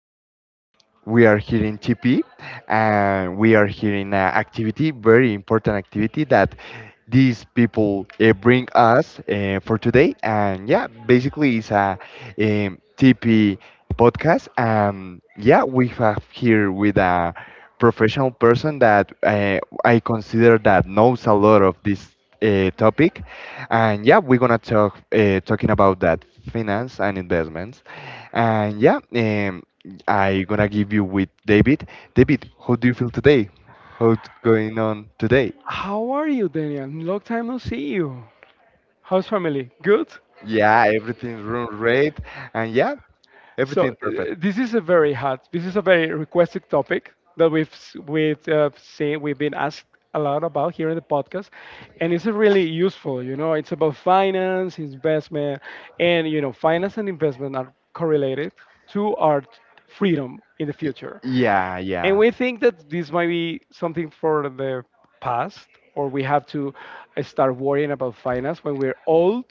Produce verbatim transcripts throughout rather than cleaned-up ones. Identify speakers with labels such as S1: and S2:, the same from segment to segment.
S1: Um, we are here in T P, and we are here in an activity, very important activity that these people uh, bring us uh, for today. And yeah, basically, it's a um, T P podcast. And yeah, we have here with a professional person that uh, I consider that knows a lot of this uh, topic, and yeah, we're gonna talk uh, talking about that finance and investments. And yeah, um, I gonna give you with David. David, how do you feel today? How's going on today?
S2: How are you, Daniel? Long time no see you. How's family? Good.
S1: Yeah, everything's run great, and yeah,
S2: So
S1: everything perfect.
S2: uh, this is a very hot, this is a very requested topic that we've s- we've uh, seen, we've been asked a lot about here in the podcast, and it's really useful. You know, it's about finance, investment, and you know, finance and investment are correlated to our freedom in the future.
S1: Yeah,
S2: And
S1: And
S2: we think that this might be something for the past, or we have to uh, start worrying about finance when we're old.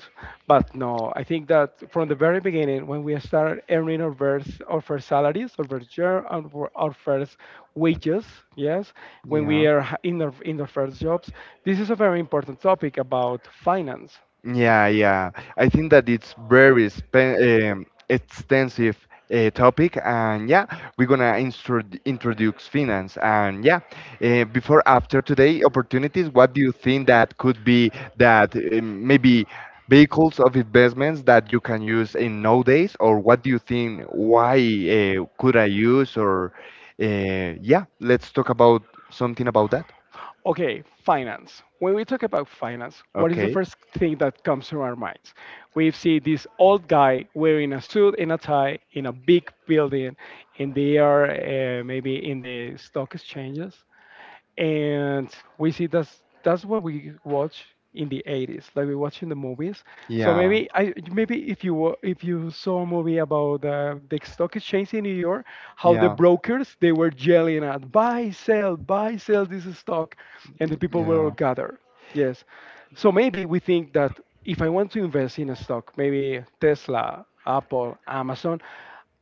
S2: But no, I think that from the very beginning, when we start earning our first our first salaries, our first year our, our first wages, yes, when we are h- in our in our first jobs, this is a very important topic about finance.
S1: yeah, yeah. I think that it's very spe- um, extensive uh, topic, and yeah, we're gonna instru- introduce finance. And yeah, uh, before after today opportunities, what do you think that could be that um, maybe vehicles of investments that you can use in nowadays, or what do you think? Why uh, could I use? Or uh, yeah, let's talk about something about that.
S2: Okay, finance. When we talk about finance, what is the
S1: Okay.
S2: first thing that comes to our minds? We see this old guy wearing a suit and a tie in a big building, and they are uh, maybe in the stock exchanges, and we see that's that's what we watch in the eighties, like we watch in the movies. So
S1: Yeah.
S2: maybe i
S1: Yeah.
S2: maybe if you wa- if you saw a movie about uh, the stock exchange in New York, how the
S1: Yeah.
S2: brokers, they were yelling at, buy, sell, buy, sell this stock, and the people were all gathered, yes. So maybe we think that if I want to invest in a stock, maybe Tesla, Apple, Amazon,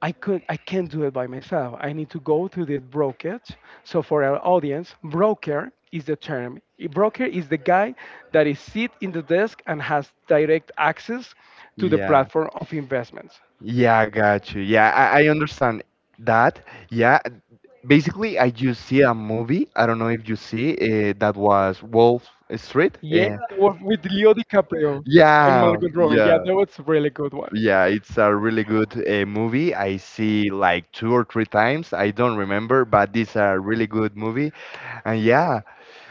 S2: I could I can't do it by myself. I need to go to the brokerage. So for our audience, broker is the term. A broker is the guy that is sit in the desk and has direct access to the
S1: Yeah.
S2: platform of investments.
S1: Yeah, I got you. Yeah, I, I understand that. Yeah, basically, I just see a movie. I don't know if you see uh, that was Wolf Street.
S2: Yeah,
S1: Uh,
S2: that was with Leo DiCaprio and
S1: yeah,
S2: Margot Robbie. Yeah,
S1: yeah.
S2: that was a really good one.
S1: Yeah, it's a really good uh, movie. I see like two or three times. I don't remember, but it's a really good movie. And yeah,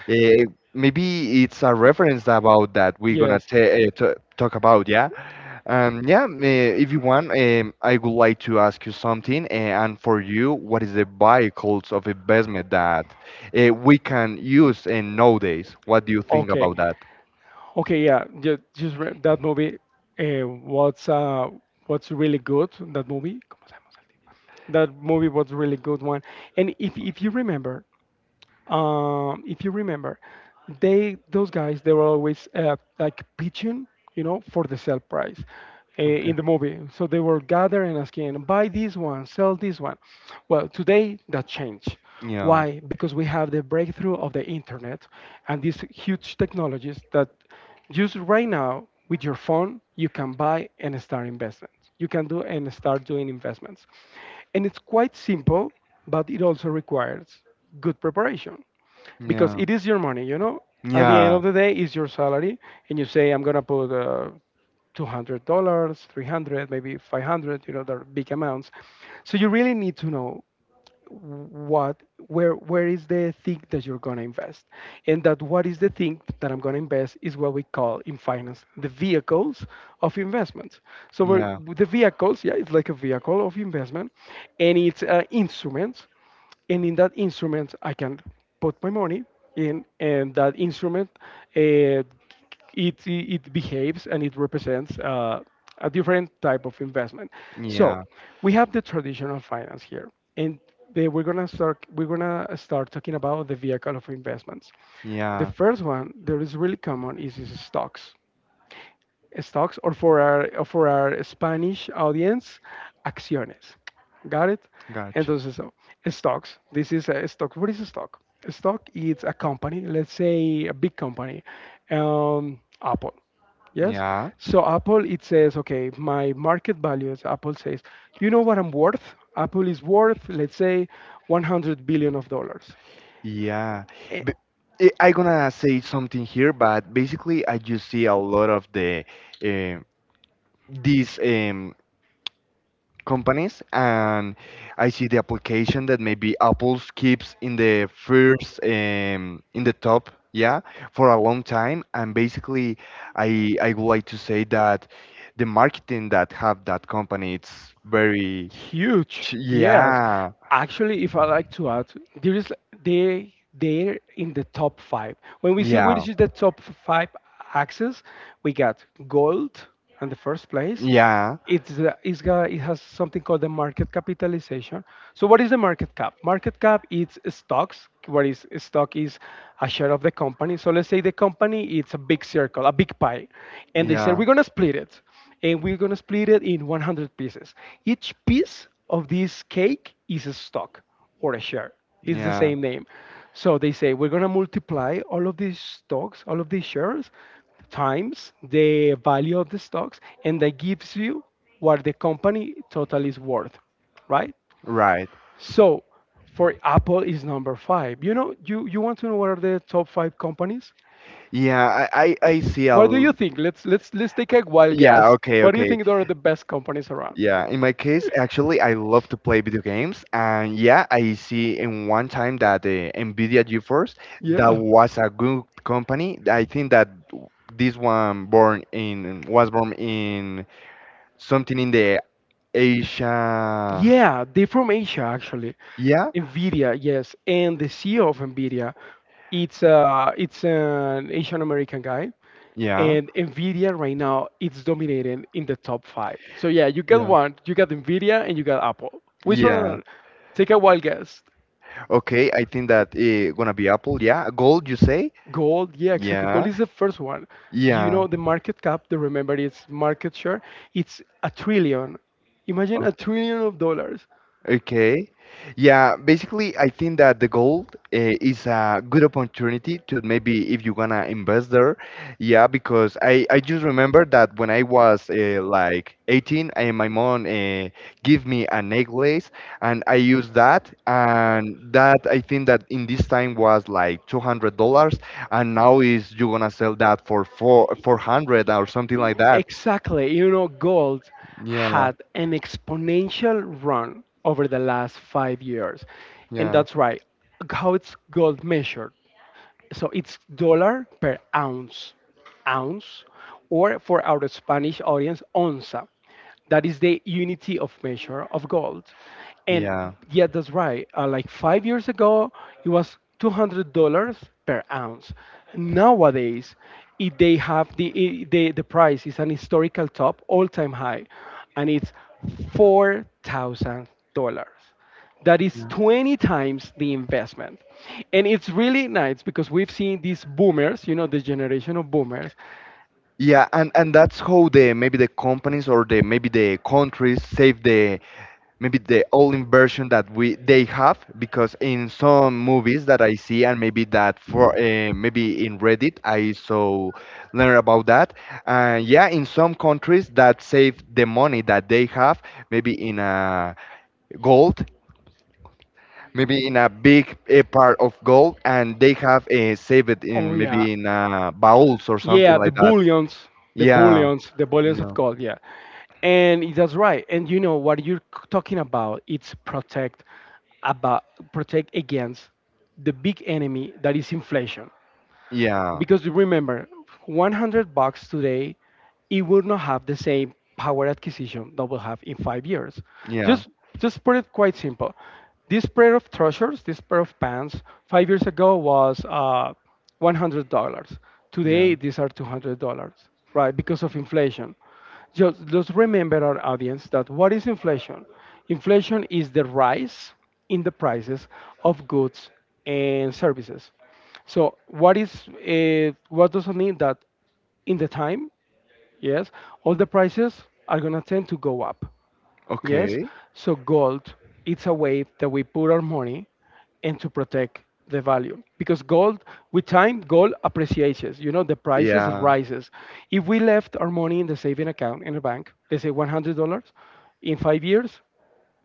S1: uh, maybe it's a reference about that we're gonna
S2: Yes.
S1: ta uh, t talk about. Yeah. Um, yeah, eh, if you want, um, I would like to ask you something. Eh, and for you, what is the vehicles of investment that uh, we can use in nowadays? What do you think
S2: Okay.
S1: about that?
S2: Okay. Yeah. Just, just re- that movie. Uh, what's uh, what's really good? That movie. ¿Cómo se llama? That movie was really good one. And if if you remember, um, if you remember, they, those guys, they were always uh, like pitching, you know, for the sell price uh,
S1: Okay.
S2: in the movie. So they were gathering asking, buy this one, sell this one. Well, today that changed.
S1: Yeah.
S2: Why? Because we have the breakthrough of the internet and these huge technologies that just right now with your phone, you can buy and start investments. You can do and start doing investments, and it's quite simple, but it also requires good preparation, because
S1: Yeah.
S2: it is your money, you know. At the end
S1: Yeah.
S2: of the day, it's your salary, and you say, I'm going to put uh, two hundred dollars, three hundred, maybe five hundred. You know, they're big amounts. So you really need to know what, where where is the thing that you're going to invest. And that, what is the thing that I'm going to invest, is what we call in finance the vehicles of investment. So we're,
S1: Yeah.
S2: the vehicles, yeah, it's like a vehicle of investment, and it's uh, instruments. And in that instrument I can put my money in, and that instrument uh, it it behaves and it represents uh, a different type of investment. So
S1: Yeah.
S2: we have the traditional finance here, and they, we're gonna start we're gonna start talking about the vehicle of investments. The
S1: Yeah.
S2: first one that is really common is, is stocks, stocks, or for our, o for our Spanish audience, acciones. Got it?
S1: Gotcha.
S2: Entonces, uh, stocks. This is a stock. What is a stock? A stock is a company, let's say a big company, um, Apple. Yes.
S1: Yeah.
S2: So Apple, it says, okay, my market value is, Apple says, you know what I'm worth? Apple is worth, let's say, one hundred billion of dollars.
S1: Yeah.
S2: Eh,
S1: But I I gonna say something here, but basically I just see a lot of the um these um companies, and I see the application that maybe Apple keeps in the first um, in the top, yeah, for a long time. And basically, I I would like to say that the marketing that have that company, it's very
S2: huge,
S1: ch-
S2: yes.
S1: yeah.
S2: Actually, if I like to add, there is, they they're in the top five. When we see
S1: Yeah.
S2: which is the top five axes, we got gold in the first place.
S1: Yeah.
S2: It's, uh, it's got, it has something called the market capitalization. So what is the market cap? Market cap is stocks. What is stock is a share of the company. So let's say the company, it's a big circle, a big pie, and they
S1: Yeah.
S2: said, we're gonna split it, and we're gonna split it in one hundred pieces. Each piece of this cake is a stock or a share. It's the
S1: Yeah.
S2: same name. So they say we're going to multiply all of these stocks, all of these shares, times the value of the stocks, and that gives you what the company total is worth, right?
S1: Right.
S2: So for Apple is number five. You know, you, you want to know what are the top five companies?
S1: Yeah. I I, I see a
S2: What
S1: l-
S2: do you think? Let's let's let's take a wild
S1: yeah,
S2: guess.
S1: okay,
S2: What do you
S1: okay.
S2: think are the best companies around?
S1: Yeah, in my case, actually, I love to play video games, and yeah, I see in one time that the Nvidia GeForce, that
S2: Yeah.
S1: was a good company. I think that this one born in was born in something in the Asia.
S2: Yeah, they're from Asia actually.
S1: Yeah,
S2: Nvidia, yes, and the C E O of Nvidia, it's uh, it's an Asian American guy,
S1: yeah,
S2: and Nvidia right now it's dominating in the top five. So yeah, you got
S1: yeah.
S2: one, you got Nvidia, and you got Apple. Which one
S1: Yeah.
S2: are- take a wild guess.
S1: Okay, I think that eh, gonna be Apple. Yeah, gold, you say?
S2: Gold, yeah, exactly. Gold
S1: Yeah,
S2: is the first one. You
S1: yeah.
S2: know the market cap. The Remember, its market share. It's a trillion. Imagine
S1: Oh,
S2: a trillion of dollars.
S1: okay. Yeah, basically, I think that the gold uh, is a good opportunity to maybe if you wanna invest there. Yeah, because I, I just remember that when I was uh, like eighteen, and my mom uh, gave me a necklace and I used that. And that I think that in this time was like two hundred dollars. And now is you gonna sell that for four, 400 or something
S2: E-
S1: like that.
S2: exactly. You know, gold
S1: Yeah,
S2: had an exponential run over the last five years. And
S1: yeah,
S2: that's right. How it's gold measured? So it's dollar per ounce, ounce, or for our Spanish audience, onza. That is the unity of measure of gold. And
S1: yeah.
S2: yeah, that's right. Uh, like five years ago, it was two hundred dollars per ounce. Nowadays, if they have the, i- the, the price is an historical top, all time high, and it's four thousand dollars, that is twenty times the investment. And it's really nice because we've seen these boomers, you know, this generation of boomers.
S1: Yeah, and and that's how the maybe the companies or the maybe the countries save the maybe the old inversion that we they have, because in some movies that I see and maybe that for uh, maybe in Reddit I so learn about that. And yeah, in some countries that save the money that they have maybe in a gold, maybe in a big uh, part of gold, and they have uh, saved it
S2: Oh,
S1: in
S2: yeah.
S1: maybe in uh, bowls or something
S2: Yeah, the
S1: like that.
S2: bullions, the
S1: Yeah.
S2: bullions, the bullions of
S1: No.
S2: gold. Yeah. And it that's right. And you know what you're c- talking about? It's protect about, protect against the big enemy that is inflation.
S1: Yeah.
S2: Because remember, one hundred bucks today, it will not have the same power acquisition that we'll have in five years.
S1: Yeah.
S2: Just just put it quite simple. This pair of trousers, this pair of pants, five years ago was uh, one hundred dollars.
S1: Yeah.
S2: Today these are two hundred dollars, right? Because of inflation. Just just remember, our audience, that what is inflation? Inflation is the rise in the prices of goods and services. So what is uh, what does it mean? That in the time, yes, all the prices are gonna tend to go up. Yes.
S1: Okay.
S2: So gold, it's a way that we put our money and to protect the value, because gold with time, gold appreciates. You know, the prices
S1: Yeah.
S2: rises. If we left our money in the saving account in a bank, let's say one hundred dollars, in five years,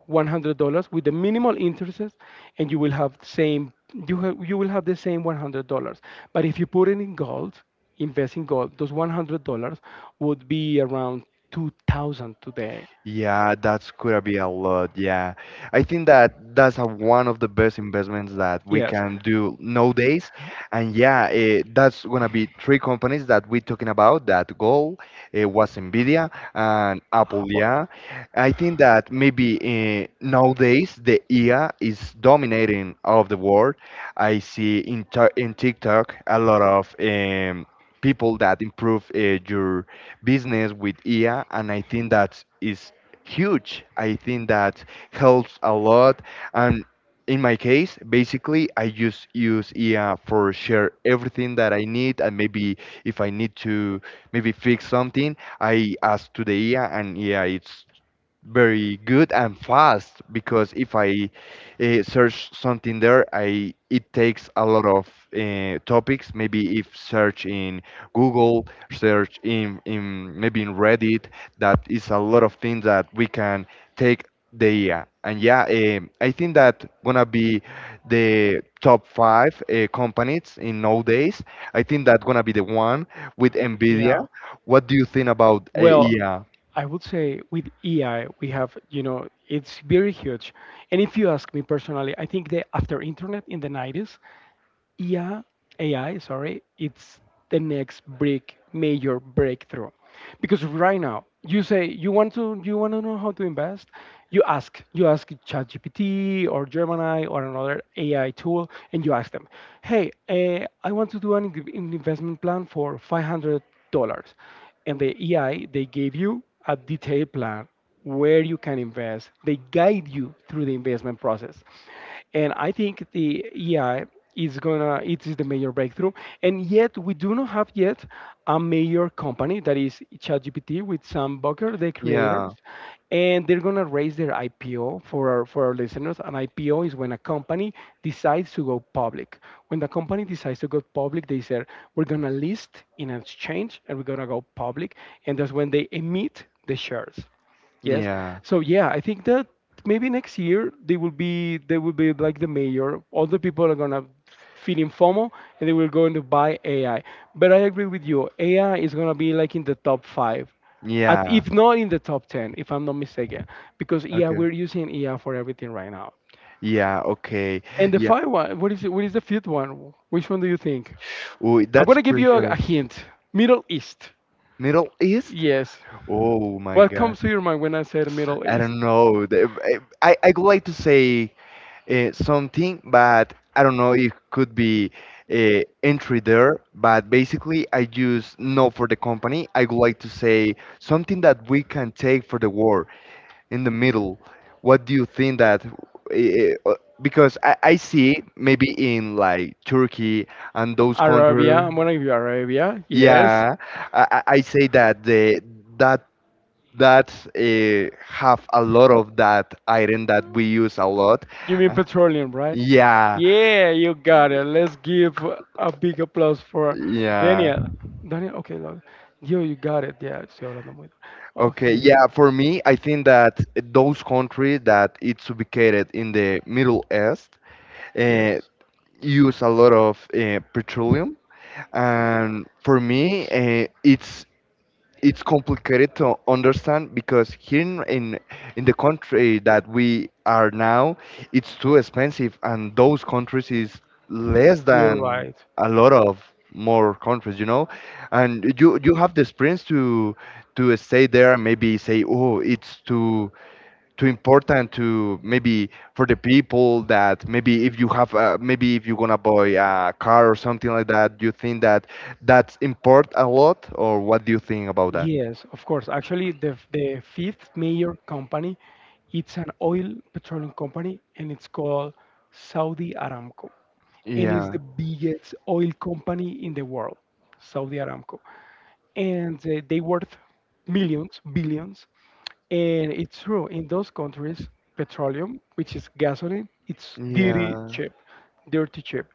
S2: one hundred dollars with the minimal interests, and you will have same, you, ha- you will have the same one hundred dollars. But if you put it in gold, invest in gold, those one hundred dollars would be around two thousand today.
S1: Yeah, that's gonna be a lot. Yeah, I think that that's a, one of the best investments that we
S2: Yes.
S1: can do nowadays.
S2: With,
S1: And yeah, eh, that's gonna be three companies that we're talking about. That goal eh, was Nvidia and
S2: how
S1: Apple.
S2: about-
S1: Yeah, I think that maybe eh, nowadays the I A is dominating all of the world. I see in Ti- in TikTok a lot of um, people that improve uh, your business with I A, and I think that is huge. I think that helps a lot. And in my case, basically, I just use E A for share everything that I need. And maybe if I need to maybe fix something, I ask to the E A, and yeah, it's very good and fast, because if I uh, search something there, I it takes a lot of uh, topics. Maybe if search in Google, search in in maybe in Reddit, that is a lot of things that we can take the year. And yeah, um, I think that gonna be the top five uh, companies in nowadays. I think that gonna be the one with Nvidia.
S2: yeah.
S1: What do you think about uh,
S2: Well,
S1: yeah?
S2: I would say with A I, we have, you know, it's very huge. And if you ask me personally, I think that after internet in the nineties, yeah, A I, sorry, it's the next big major breakthrough. Because right now, you say you want to, you want to know how to invest, you ask you ask ChatGPT or Gemini or another A I tool, and you ask them, "Hey, uh, I want to do an, in- an investment plan for five hundred dollars," and the A I, they gave you a detailed plan where you can invest. They guide you through the investment process. And I think the E I is gonna it is the major breakthrough. And yet we do not have yet a major company that is ChatGPT with Sam Bucker, the creators,
S1: Because
S2: and they're gonna raise their I P O. For our, for our listeners, an I P O is when a company decides to go public. When the company decides to go public, they say we're gonna list in an exchange and we're gonna go public, and that's when they emit the shares. Yes.
S1: yeah.
S2: So yeah, I think that maybe next year they will be they will be like the mayor. All the people are gonna feel in FOMO and they will going to buy A I. But I agree with you, A I is gonna be like in the top five. At,
S1: Yeah.
S2: if not in the top ten, if I'm not mistaken, because yeah,
S1: Okay.
S2: we're using A I for everything right now.
S1: Yeah, okay.
S2: And the
S1: Yeah.
S2: five one, what is it? What is the fifth one? Which one do you think?
S1: Oh,
S2: I'm
S1: that's
S2: gonna give
S1: pretty
S2: you a,
S1: sure.
S2: a hint. Middle East.
S1: Middle East?
S2: Yes.
S1: Oh my
S2: What
S1: God.
S2: comes to your mind when I said Middle
S1: I
S2: East?
S1: don't know. The- I, I would like to say uh, something, but I don't know. It could be uh, entry there, but basically, I use no for the company. I would like to say something that we can take for the world. In the middle. What do you think that? eh, eh, uh, Because I, I see maybe in like Turkey and those
S2: Arabia,
S1: countries.
S2: I'm gonna give you Arabia. Yes.
S1: Yeah, I, I I say that the that that uh, have a lot of that iron that we use a lot.
S2: You mean
S1: Uh,
S2: petroleum, right?
S1: Yeah,
S2: Yeah, you got it. Let's give a big applause for
S1: yeah.
S2: Daniel. Daniel, okay, Lord. Yo, you got it. Yeah, estoy hablando muy.
S1: Okay,
S2: Okay.
S1: yeah, for me, I think that those countries that it's ubicated in the Middle East, uh,
S2: Yes,
S1: use a lot of uh, petroleum, and for me uh, it's it's complicated to understand, because here in, in in the country that we are now, it's too expensive, and those countries is less
S2: you're
S1: than
S2: right.
S1: a lot of more countries, you know. And you you have the experience to to stay there and maybe say oh, it's too too important to maybe for the people that maybe if you have uh, maybe if you're gonna buy a car or something like that. Do you think that that's import a lot, or what do you think about that?
S2: Yes, of course. Actually, the the fifth major company, it's an oil petroleum company, and it's called Saudi Aramco, and is
S1: Yeah,
S2: the biggest oil company in the world, Saudi Aramco. And uh, they worth millions, billions. And it's true, in those countries, petroleum, which is gasoline, it's dirty
S1: yeah,
S2: cheap, dirty cheap.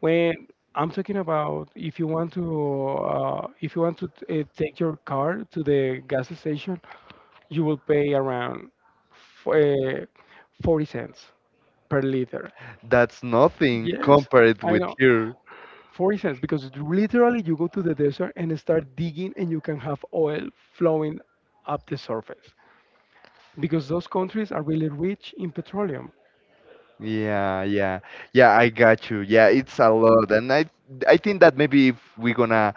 S2: When I'm talking about if you want to uh, if you want to t- uh, take your car to the gas station, you will pay around f- uh, forty cents per liter.
S1: that's nothing
S2: Yes,
S1: compared
S2: I
S1: with
S2: know.
S1: here.
S2: forty cents, because literally you go to the desert and start digging and you can have oil flowing up the surface because those countries are really rich in petroleum.
S1: Yeah, yeah, yeah. I got you. Yeah, it's a lot, and I I think that maybe if we're gonna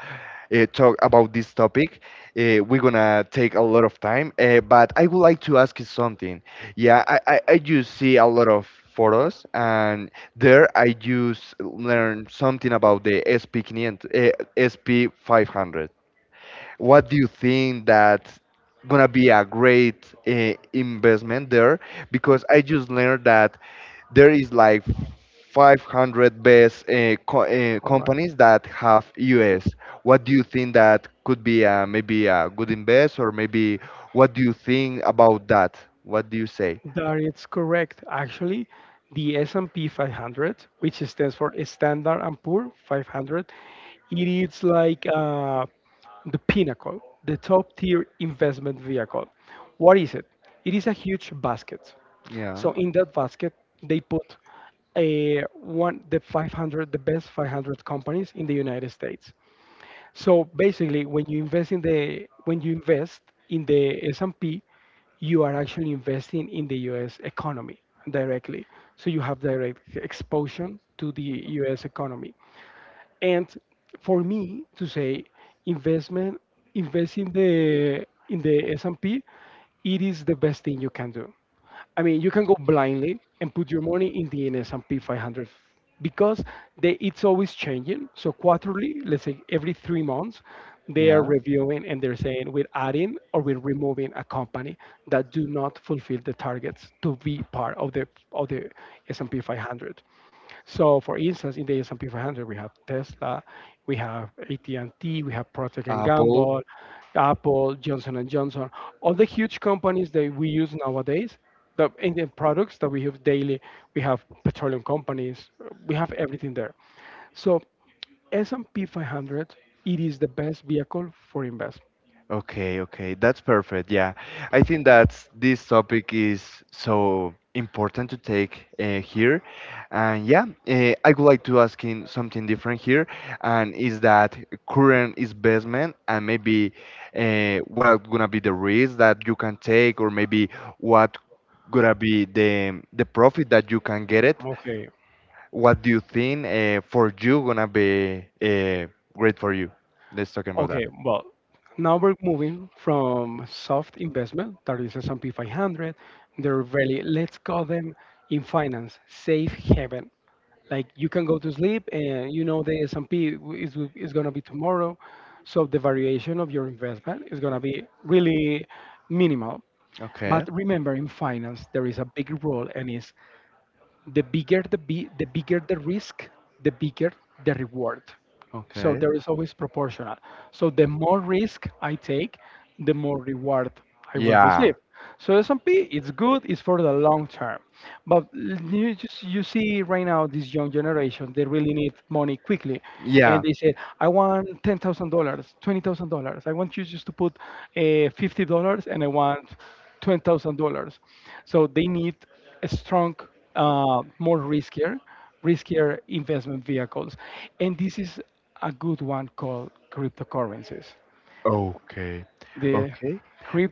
S1: uh, talk about this topic, uh, we're gonna take a lot of time. Uh, but I would like to ask you something. Yeah, I I, I do see a lot of photos, and there I just learn something about the S P five hundred. Uh, S P five hundred. What do you think that gonna be a great uh, investment there? Because I just learned that there is like five hundred best uh, co uh,
S2: All right.
S1: companies that have U S. What do you think that could be uh, maybe a good invest, or maybe what do you think about that? What do you say?
S2: That is correct. Actually, the S and P five hundred, which stands for Standard and Poor five hundred, it is like uh, the pinnacle, the top tier investment vehicle. What is it? It is a huge basket.
S1: Yeah.
S2: So in that basket, they put a one the five hundred the best five hundred companies in the United States. So basically, when you invest in the when you invest in the S and P, you are actually investing in the U S economy directly. So you have direct exposure to the U S economy. And for me to say investment, invest in the in the S and P, it is the best thing you can do. I mean, you can go blindly and put your money in the S and P five hundred because they, it's always changing. So quarterly, let's say every three months, they are reviewing and they're saying we're adding or we're removing a company that do not fulfill the targets to be part of the of the S and P five hundred. So, for instance, in the S and P five hundred, we have Tesla, we have A T and T, we have Procter& and
S1: Apple.
S2: Gamble, Apple, Johnson& and Johnson, all the huge companies that we use nowadays. The, in the products that we use daily, we have petroleum companies, we have everything there. So S and P five hundred, it is the best vehicle for investment.
S1: Okay, okay, that's perfect. Yeah, I think that this topic is so important to take uh, here, and yeah, uh, I would like to ask in something different here, and is that current investment and maybe uh, what gonna be the risk that you can take, or maybe what gonna be the the profit that you can get it.
S2: Okay.
S1: What do you think uh, for you gonna be uh, great for you? Let's talk about that.
S2: Okay, well, now we're moving from soft investment, that is S and P five hundred. They're really, let's call them in finance, safe haven. Like you can go to sleep and you know the S and P is, w- is going to be tomorrow. So the variation of your investment is going to be really minimal.
S1: Okay.
S2: But remember, in finance, there is a big rule and is the bigger the, bi- the bigger the risk, the bigger the reward. So
S1: Okay.
S2: there is always proportional. So the more risk I take, the more reward I will receive.
S1: Yeah.
S2: So S and P, it's good, it's for the long term. But l- you just you see right now this young generation, they really need money quickly,
S1: Yeah.
S2: and they say, I want ten thousand dollars, twenty thousand dollars. I want you just to put uh, fifty dollars, and I want twenty thousand dollars. So they need a strong, uh, more riskier, riskier investment vehicles, and this is a good one called cryptocurrencies.
S1: Okay.
S2: The
S1: Okay.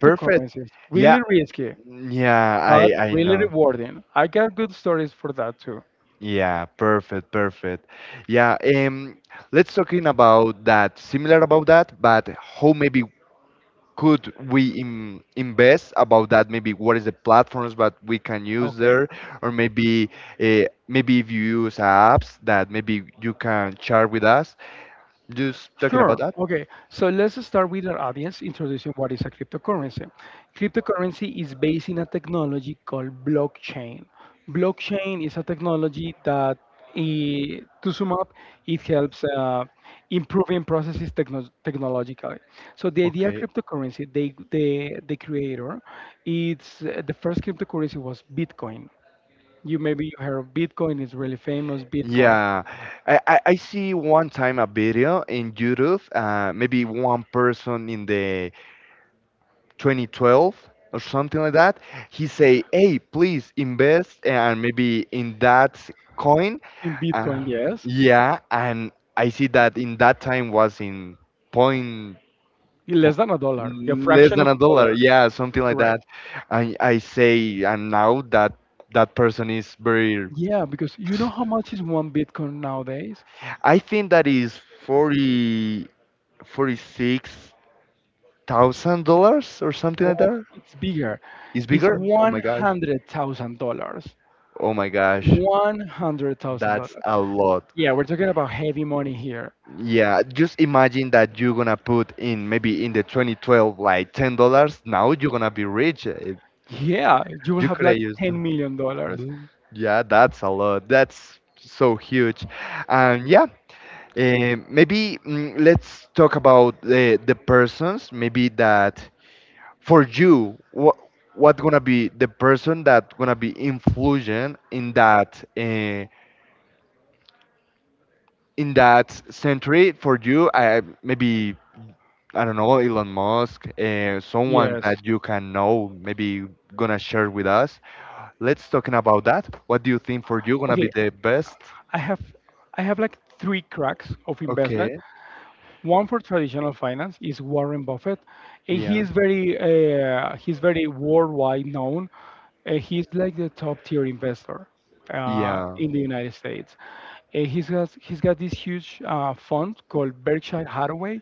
S1: Perfect. Yeah.
S2: really risky,
S1: Yeah, I
S2: but
S1: I
S2: really
S1: know.
S2: rewarding. I got good stories for that too.
S1: Yeah, perfect, perfect. Yeah, um, let's talking about that, similar about that, but how maybe could we im- invest about that, maybe what is the platforms that we can use
S2: Okay.
S1: there, or maybe uh, maybe if you use apps that maybe you can share with us just talking about
S2: Sure.
S1: that.
S2: Okay. So let's start with our audience introducing what is a cryptocurrency. Cryptocurrency is based in a technology called blockchain. Blockchain is a technology that, i- to sum up, it helps uh, improving processes techno- technologically. So the idea of
S1: Okay.
S2: cryptocurrency, they, the the creator, it's uh, the first cryptocurrency was Bitcoin. You maybe you heard of Bitcoin. It's really famous. Bitcoin.
S1: Yeah, I, I, I see one time a video in YouTube, uh, maybe one person in the twenty twelve or something like that. He say, "Hey, please invest and maybe in that coin."
S2: In
S1: Uh,
S2: Bitcoin, yes.
S1: yeah, and I see that in that time was in point
S2: Yeah,
S1: po-
S2: less than a dollar, a
S1: less
S2: fraction of
S1: than a
S2: a
S1: dollar.
S2: dollar.
S1: Yeah, something
S2: That's
S1: like
S2: correct.
S1: that. I I say, and now that that person is very
S2: Yeah, because you know how much is one Bitcoin nowadays?
S1: I think that is forty six thousand dollars or something like
S2: Well,
S1: that.
S2: it's bigger.
S1: It's
S2: It's
S1: bigger? Oh
S2: one
S1: my gosh.
S2: hundred thousand dollars.
S1: Oh my gosh,
S2: One hundred thousand dollars.
S1: that's a lot.
S2: Yeah, we're talking about heavy money here.
S1: Yeah, just imagine that you're gonna put in maybe in the twenty twelve like ten dollars. Now you're gonna be rich. eh,
S2: Yeah, you will
S1: You
S2: have
S1: could have
S2: like
S1: used
S2: ten million dollars.
S1: mm. Yeah, that's a lot. That's so huge. And yeah, eh, maybe mm, let's talk about the the persons maybe that for you what what gonna be the person that gonna be influential in that uh, in that century for you. I, maybe I don't know, Elon Musk, uh, someone
S2: Yes.
S1: that you can know maybe gonna share with us. Let's talking about that. What do you think for you gonna be
S2: Okay,
S1: the best?
S2: I have I have like three cracks of investment.
S1: Okay.
S2: One for traditional finance is Warren Buffett. Eh, He
S1: Yeah.
S2: is very uh, he's very worldwide known. Uh, he's like the top tier investor uh,
S1: Yeah.
S2: in the United States. Uh, he's got he's got this huge uh, fund called Berkshire Hathaway,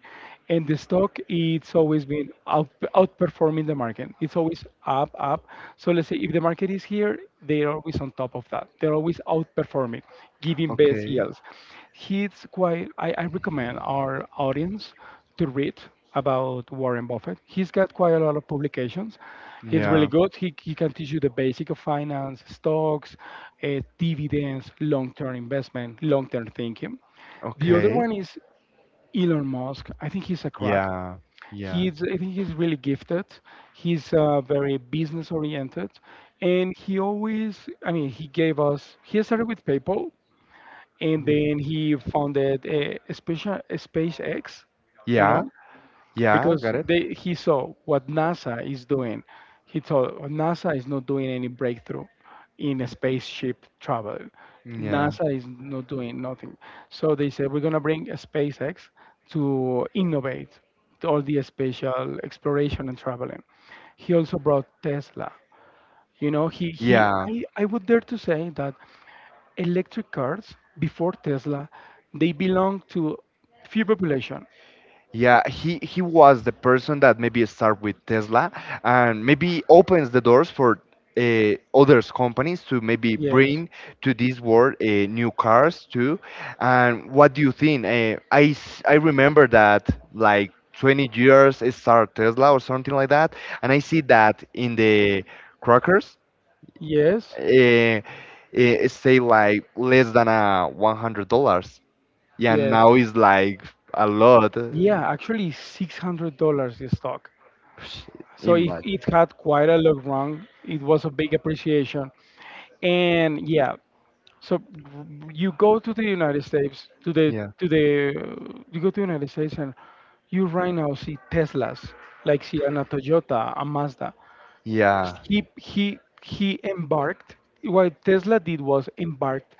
S2: and the stock it's always been out, outperforming the market. It's always up, up. So let's say if the market is here, they're always on top of that. They're always outperforming, giving best
S1: Okay.
S2: yields. He's quite. I, I recommend our audience to read about Warren Buffett. He's got quite a lot of publications. He's really
S1: Yeah.
S2: good. He, he can teach you the basic of finance, stocks, uh, dividends, long-term investment, long-term thinking. The other
S1: Okay.
S2: one is Elon Musk. I think he's a crack.
S1: Yeah. Yeah.
S2: He's I think he's really gifted. He's uh, very business oriented, and he always I mean he gave us he started with PayPal, and then he founded a, a special a SpaceX, you know,
S1: Yeah. Yeah,
S2: because
S1: got it.
S2: they he saw what NASA is doing. He thought, "Oh, NASA is not doing any breakthrough in spaceship travel.
S1: Yeah.
S2: NASA is not doing nothing. So they said we're gonna bring SpaceX to innovate all the spatial exploration and traveling." He also brought Tesla. You know, he he
S1: Yeah.
S2: Yeah. I, I would dare to say that electric cars before Tesla they belong to few population.
S1: Yeah, he he was the person that maybe start with Tesla and maybe opens the doors for uh, others companies to maybe
S2: Yes.
S1: bring to this world uh, new cars too. And what do you think? Uh, I s- I remember that like twenty years it started Tesla or something like that, and I see that in the crackers
S2: Yes.
S1: uh, it say like less than a 100 dollars. Yeah,
S2: Yes.
S1: now it's like a lot.
S2: Yeah, actually six hundred dollars the stock.
S1: Shit,
S2: So it,
S1: imagine.
S2: it had quite a lot run. It was a big appreciation. And yeah, so you go to the United States, to the
S1: Yeah.
S2: to the uh, you go to the United States and you right now see Teslas, like see an a Toyota, a Mazda.
S1: Yeah.
S2: He he he embarked. What Tesla did was embarked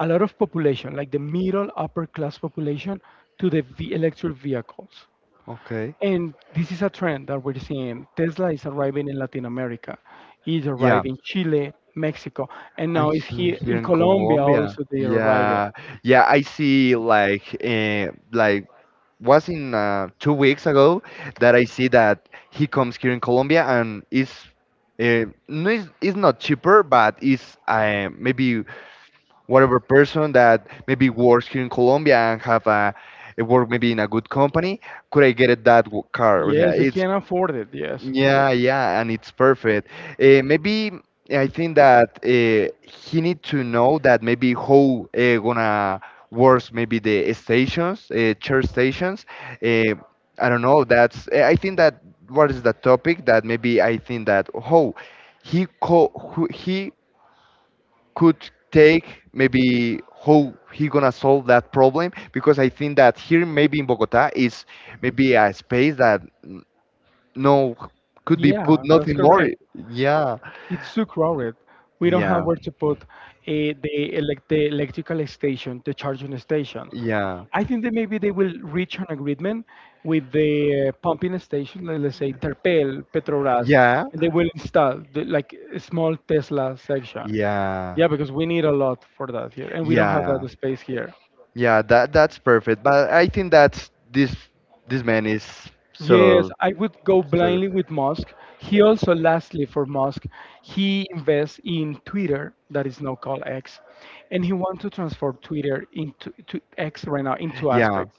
S2: a lot of population, like the middle upper class population, to the ve- electric vehicles.
S1: Okay.
S2: And this is a trend that we're seeing. Tesla is arriving in Latin America. It's
S1: Yeah.
S2: arriving in Chile, Mexico, and
S1: And
S2: now it's
S1: he-
S2: here
S1: here
S2: in
S1: in
S2: Colombia
S1: Colombia.
S2: also they are arriving.
S1: Yeah. Yeah, I see like uh, like was in uh, two weeks ago that I see that he comes here in Colombia and is uh, no, it's, it's not cheaper, but it's uh, maybe whatever person that maybe works here in Colombia and have a, a work maybe in a good company, could I get it that w- car? Yeah,
S2: Yes, they
S1: it's
S2: can afford it, yes.
S1: yeah, yeah, and it's perfect. Uh, maybe eh, I think that uh, he need to know that maybe how uh, gonna works maybe the stations, uh, church stations. Uh, I don't know. That's eh, I think that what is the topic that maybe I think that how he co who, he could take maybe how he gonna solve that problem because I think that here maybe in Bogota is maybe a space that n- no could be put
S2: Yeah, that's
S1: nothing more.
S2: correct,
S1: Yeah,
S2: it's too crowded. We don't
S1: yeah,
S2: have where to put uh, the, elec- the electrical station, the charging station.
S1: yeah,
S2: I think that maybe they will reach an agreement with the uh, pumping station, let- let's say Terpel, Petrobras,
S1: yeah,
S2: and they will install the, like a small Tesla section. Yeah, because we need a
S1: yeah.
S2: lot for that here, and we don't have that
S1: Yeah.
S2: space here.
S1: Yeah, that that's perfect. But I think that's this this man is
S2: Yes,
S1: so
S2: I would go
S1: so good.
S2: blindly with Musk. He also, lastly, for Musk, he invests in Twitter, that is now called X, and he wants to transform Twitter into to X right now into
S1: Yeah.
S2: aspects.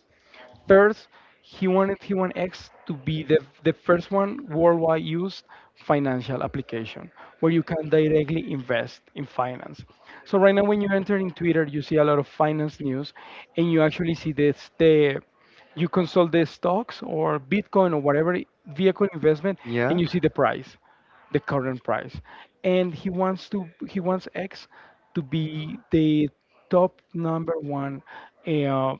S2: First, he wanted T one X to be the, the first one worldwide used financial application where you can directly invest in finance. So right now, when you enter in Twitter, you see a lot of finance news, and you actually see this the you consult the stocks or Bitcoin or whatever vehicle investment,
S1: Yeah.
S2: and you see the price the current price, and he wants to he wants x to be the top number one eh, uh,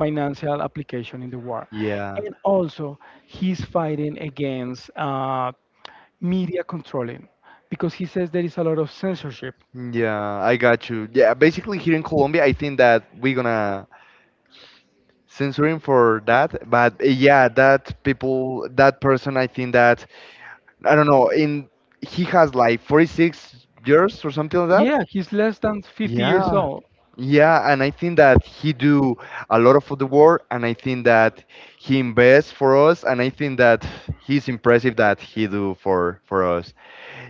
S2: financial application in the world,
S1: Yeah.
S2: and also he's fighting against uh, media controlling because he says there is a lot of censorship.
S1: Yeah, I got you. Yeah, basically here in Colombia, I think that we're gonna censor him for that. But uh, yeah, that people, that person, I think that I don't know. In he has like forty-six years or something like that.
S2: Yeah, he's less than fifty years
S1: Yeah.
S2: old.
S1: Yeah, and I think that he do a lot of the work, and I think that he invests for us, and I think that he's impressive that he do for for us.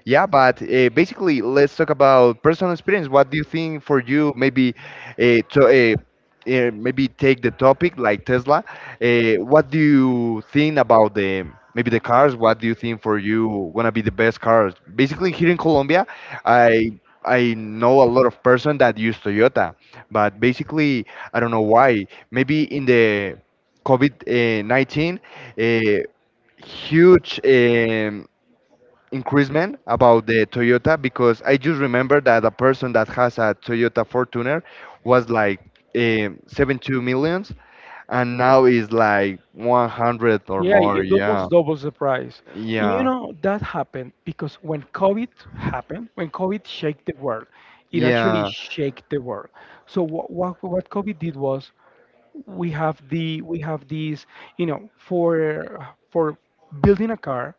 S1: Yeah, but uh, basically, let's talk about personal experience. What do you think for you? Maybe, uh, to, uh, uh, maybe take the topic like Tesla. Uh, what do you think about the maybe the cars? What do you think for you gonna be the best cars? Basically, here in Colombia, I I know a lot of person that use Toyota, but basically, I don't know why. Maybe in the COVID nineteen, uh, uh, huge. Um, increasement about the Toyota because I just remember that a person that has a Toyota Fortuner was like um, seventy-two millions and now is like one hundred or
S2: Yeah,
S1: more.
S2: it
S1: Yeah.
S2: almost doubles the price. You
S1: Yeah.
S2: know, that happened because when COVID happened, when COVID shake the world, it actually
S1: Yeah.
S2: shake the world. So what, what, what COVID did was we have the we have these, you know, for for building a car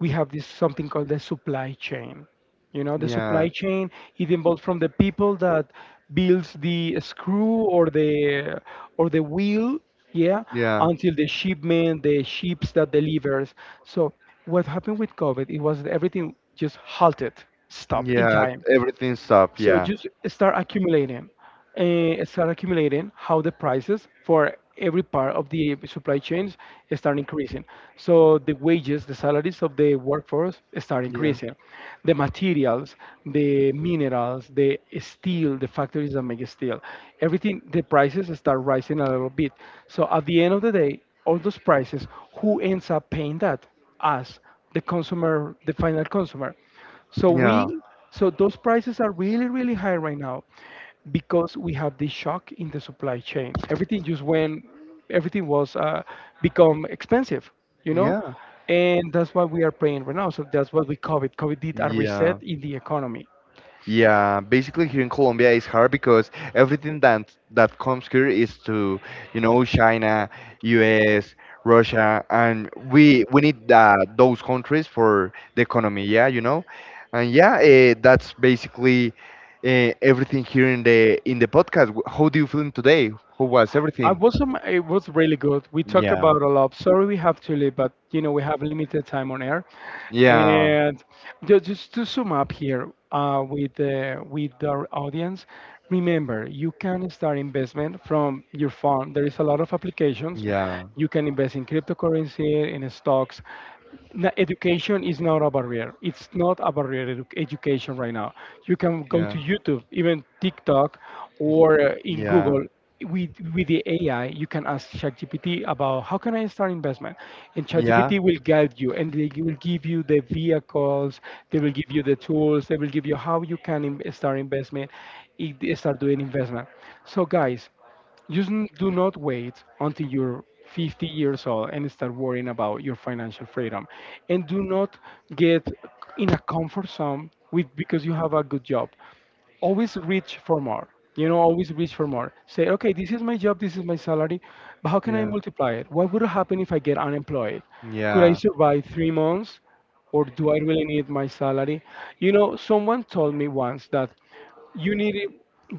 S2: we have this something called the supply chain, you know, the supply
S1: Yeah.
S2: chain it involves from the people that builds the screw or the or the wheel, yeah,
S1: Yeah.
S2: until the shipment, the ships that delivers. So what happened with COVID it was that everything just halted, stopped in
S1: Yeah.
S2: time,
S1: Everything stopped.
S2: so
S1: Yeah.
S2: just start accumulating, uh, start accumulating how the prices for every part of the supply chains start increasing. So the wages, the salaries of the workforce start increasing. The materials, the minerals, the steel, the factories that make steel, everything, the prices start rising a little bit. So at the end of the day, all those prices, who ends up paying that? Us, the consumer, the final consumer. So
S1: Yeah. Yeah.
S2: we, so those prices are really, really high right now because we have this shock in the supply chain. Everything just went, everything was uh, become expensive, you know,
S1: Yeah.
S2: and that's what we are paying right now. So that's what we COVID. COVID did a reset
S1: Yeah.
S2: in the economy.
S1: Yeah, basically here in Colombia it's hard because everything that that comes here is to, you know, China, U S, Russia, and we we need uh, those countries for the economy. Yeah, you know, and yeah, uh, that's basically uh, everything here in the in the podcast. W- How do you feeling today? How was
S2: I
S1: everything?
S2: was um, it was really good. We talk
S1: Yeah.
S2: about a lot. Sorry, we have to leave, but you know we have limited time on air.
S1: Yeah.
S2: And ju- just to sum up here uh, with the with our audience, remember you can start investment from your farm. There is a lot of applications.
S1: Yeah.
S2: You can invest in cryptocurrency, in stocks. Na- Education is not a barrier. It's not a barrier edu- education right now. You can go
S1: Yeah.
S2: to YouTube, even TikTok, or uh, in
S1: Yeah.
S2: Google with with the A I, you can ask ChatGPT about how can I start investment, and
S1: Yeah. Yeah.
S2: ChatGPT will guide you, and they will give you the vehicles, they will give you the tools, they will give you how you can in- start investment, i- start doing investment. So guys, just n- do not wait until you're fifty years old and start worrying about your financial freedom, and do not get in a comfort zone with because you have a good job, always reach for more. You know, always reach for more. Say, okay, this is my job, this is my salary, but how can I multiply it? What would happen if I get unemployed? Could I survive three months, or do I really need my salary? You know, someone told me once that you need it,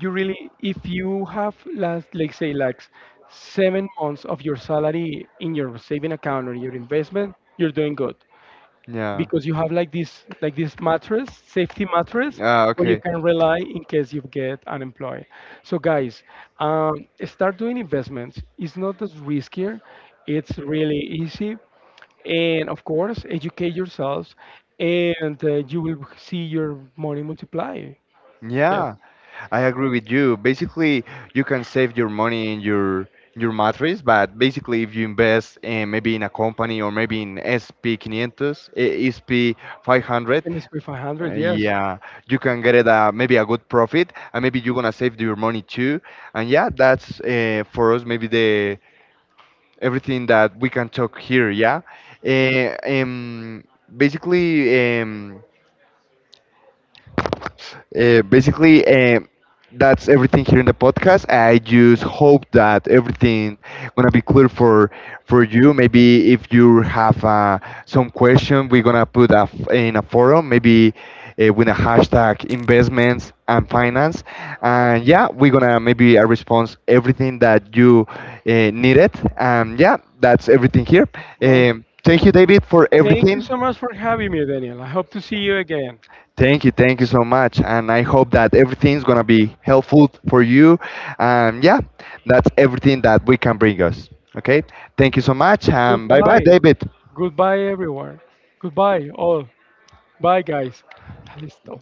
S2: you really, if you have last like say like seven months of your salary in your saving account or your investment, you're doing good,
S1: Yeah. Yeah.
S2: because you have like this, like this mattress, safety mattress
S1: Ah,
S2: where you
S1: okay.
S2: can rely in case you get unemployed. So guys, um, start doing investments. It's not as riskier, it's really easy, and of course educate yourselves, and uh, you will see your money multiply. Yes,
S1: Yeah, I agree with you. Basically, you can save your money in your your mattress, but basically, if you invest in maybe in a company or maybe in S P five hundred, eh, S P five hundred,
S2: and it's with
S1: uh,
S2: five hundred, yes.
S1: yeah, you can get it uh, maybe a good profit, and maybe you're gonna save your money too. And yeah, that's uh, for us maybe the everything that we can talk here. Yeah. Uh, um, basically, um, uh, basically, um, that's everything here in the podcast. I just hope that everything gonna be clear for for you. Maybe if you have uh, some question, we're gonna put a f- in a forum. Maybe uh, with a hashtag investments and finance. And yeah, we're gonna maybe a response everything that you uh, needed. And yeah, that's everything here.
S2: Well,
S1: Um, thank you, David, for
S2: thank you
S1: everything.
S2: so much for having me, Daniel. I hope to see you again.
S1: Thank you, thank you so much, and I hope that everything's gonna be helpful for you. And yeah, that's everything that we can bring us. Okay, thank you so much, and bye bye,
S2: Goodbye.
S1: David.
S2: Goodbye, everyone. Goodbye, all. Bye, guys. Dale, stop.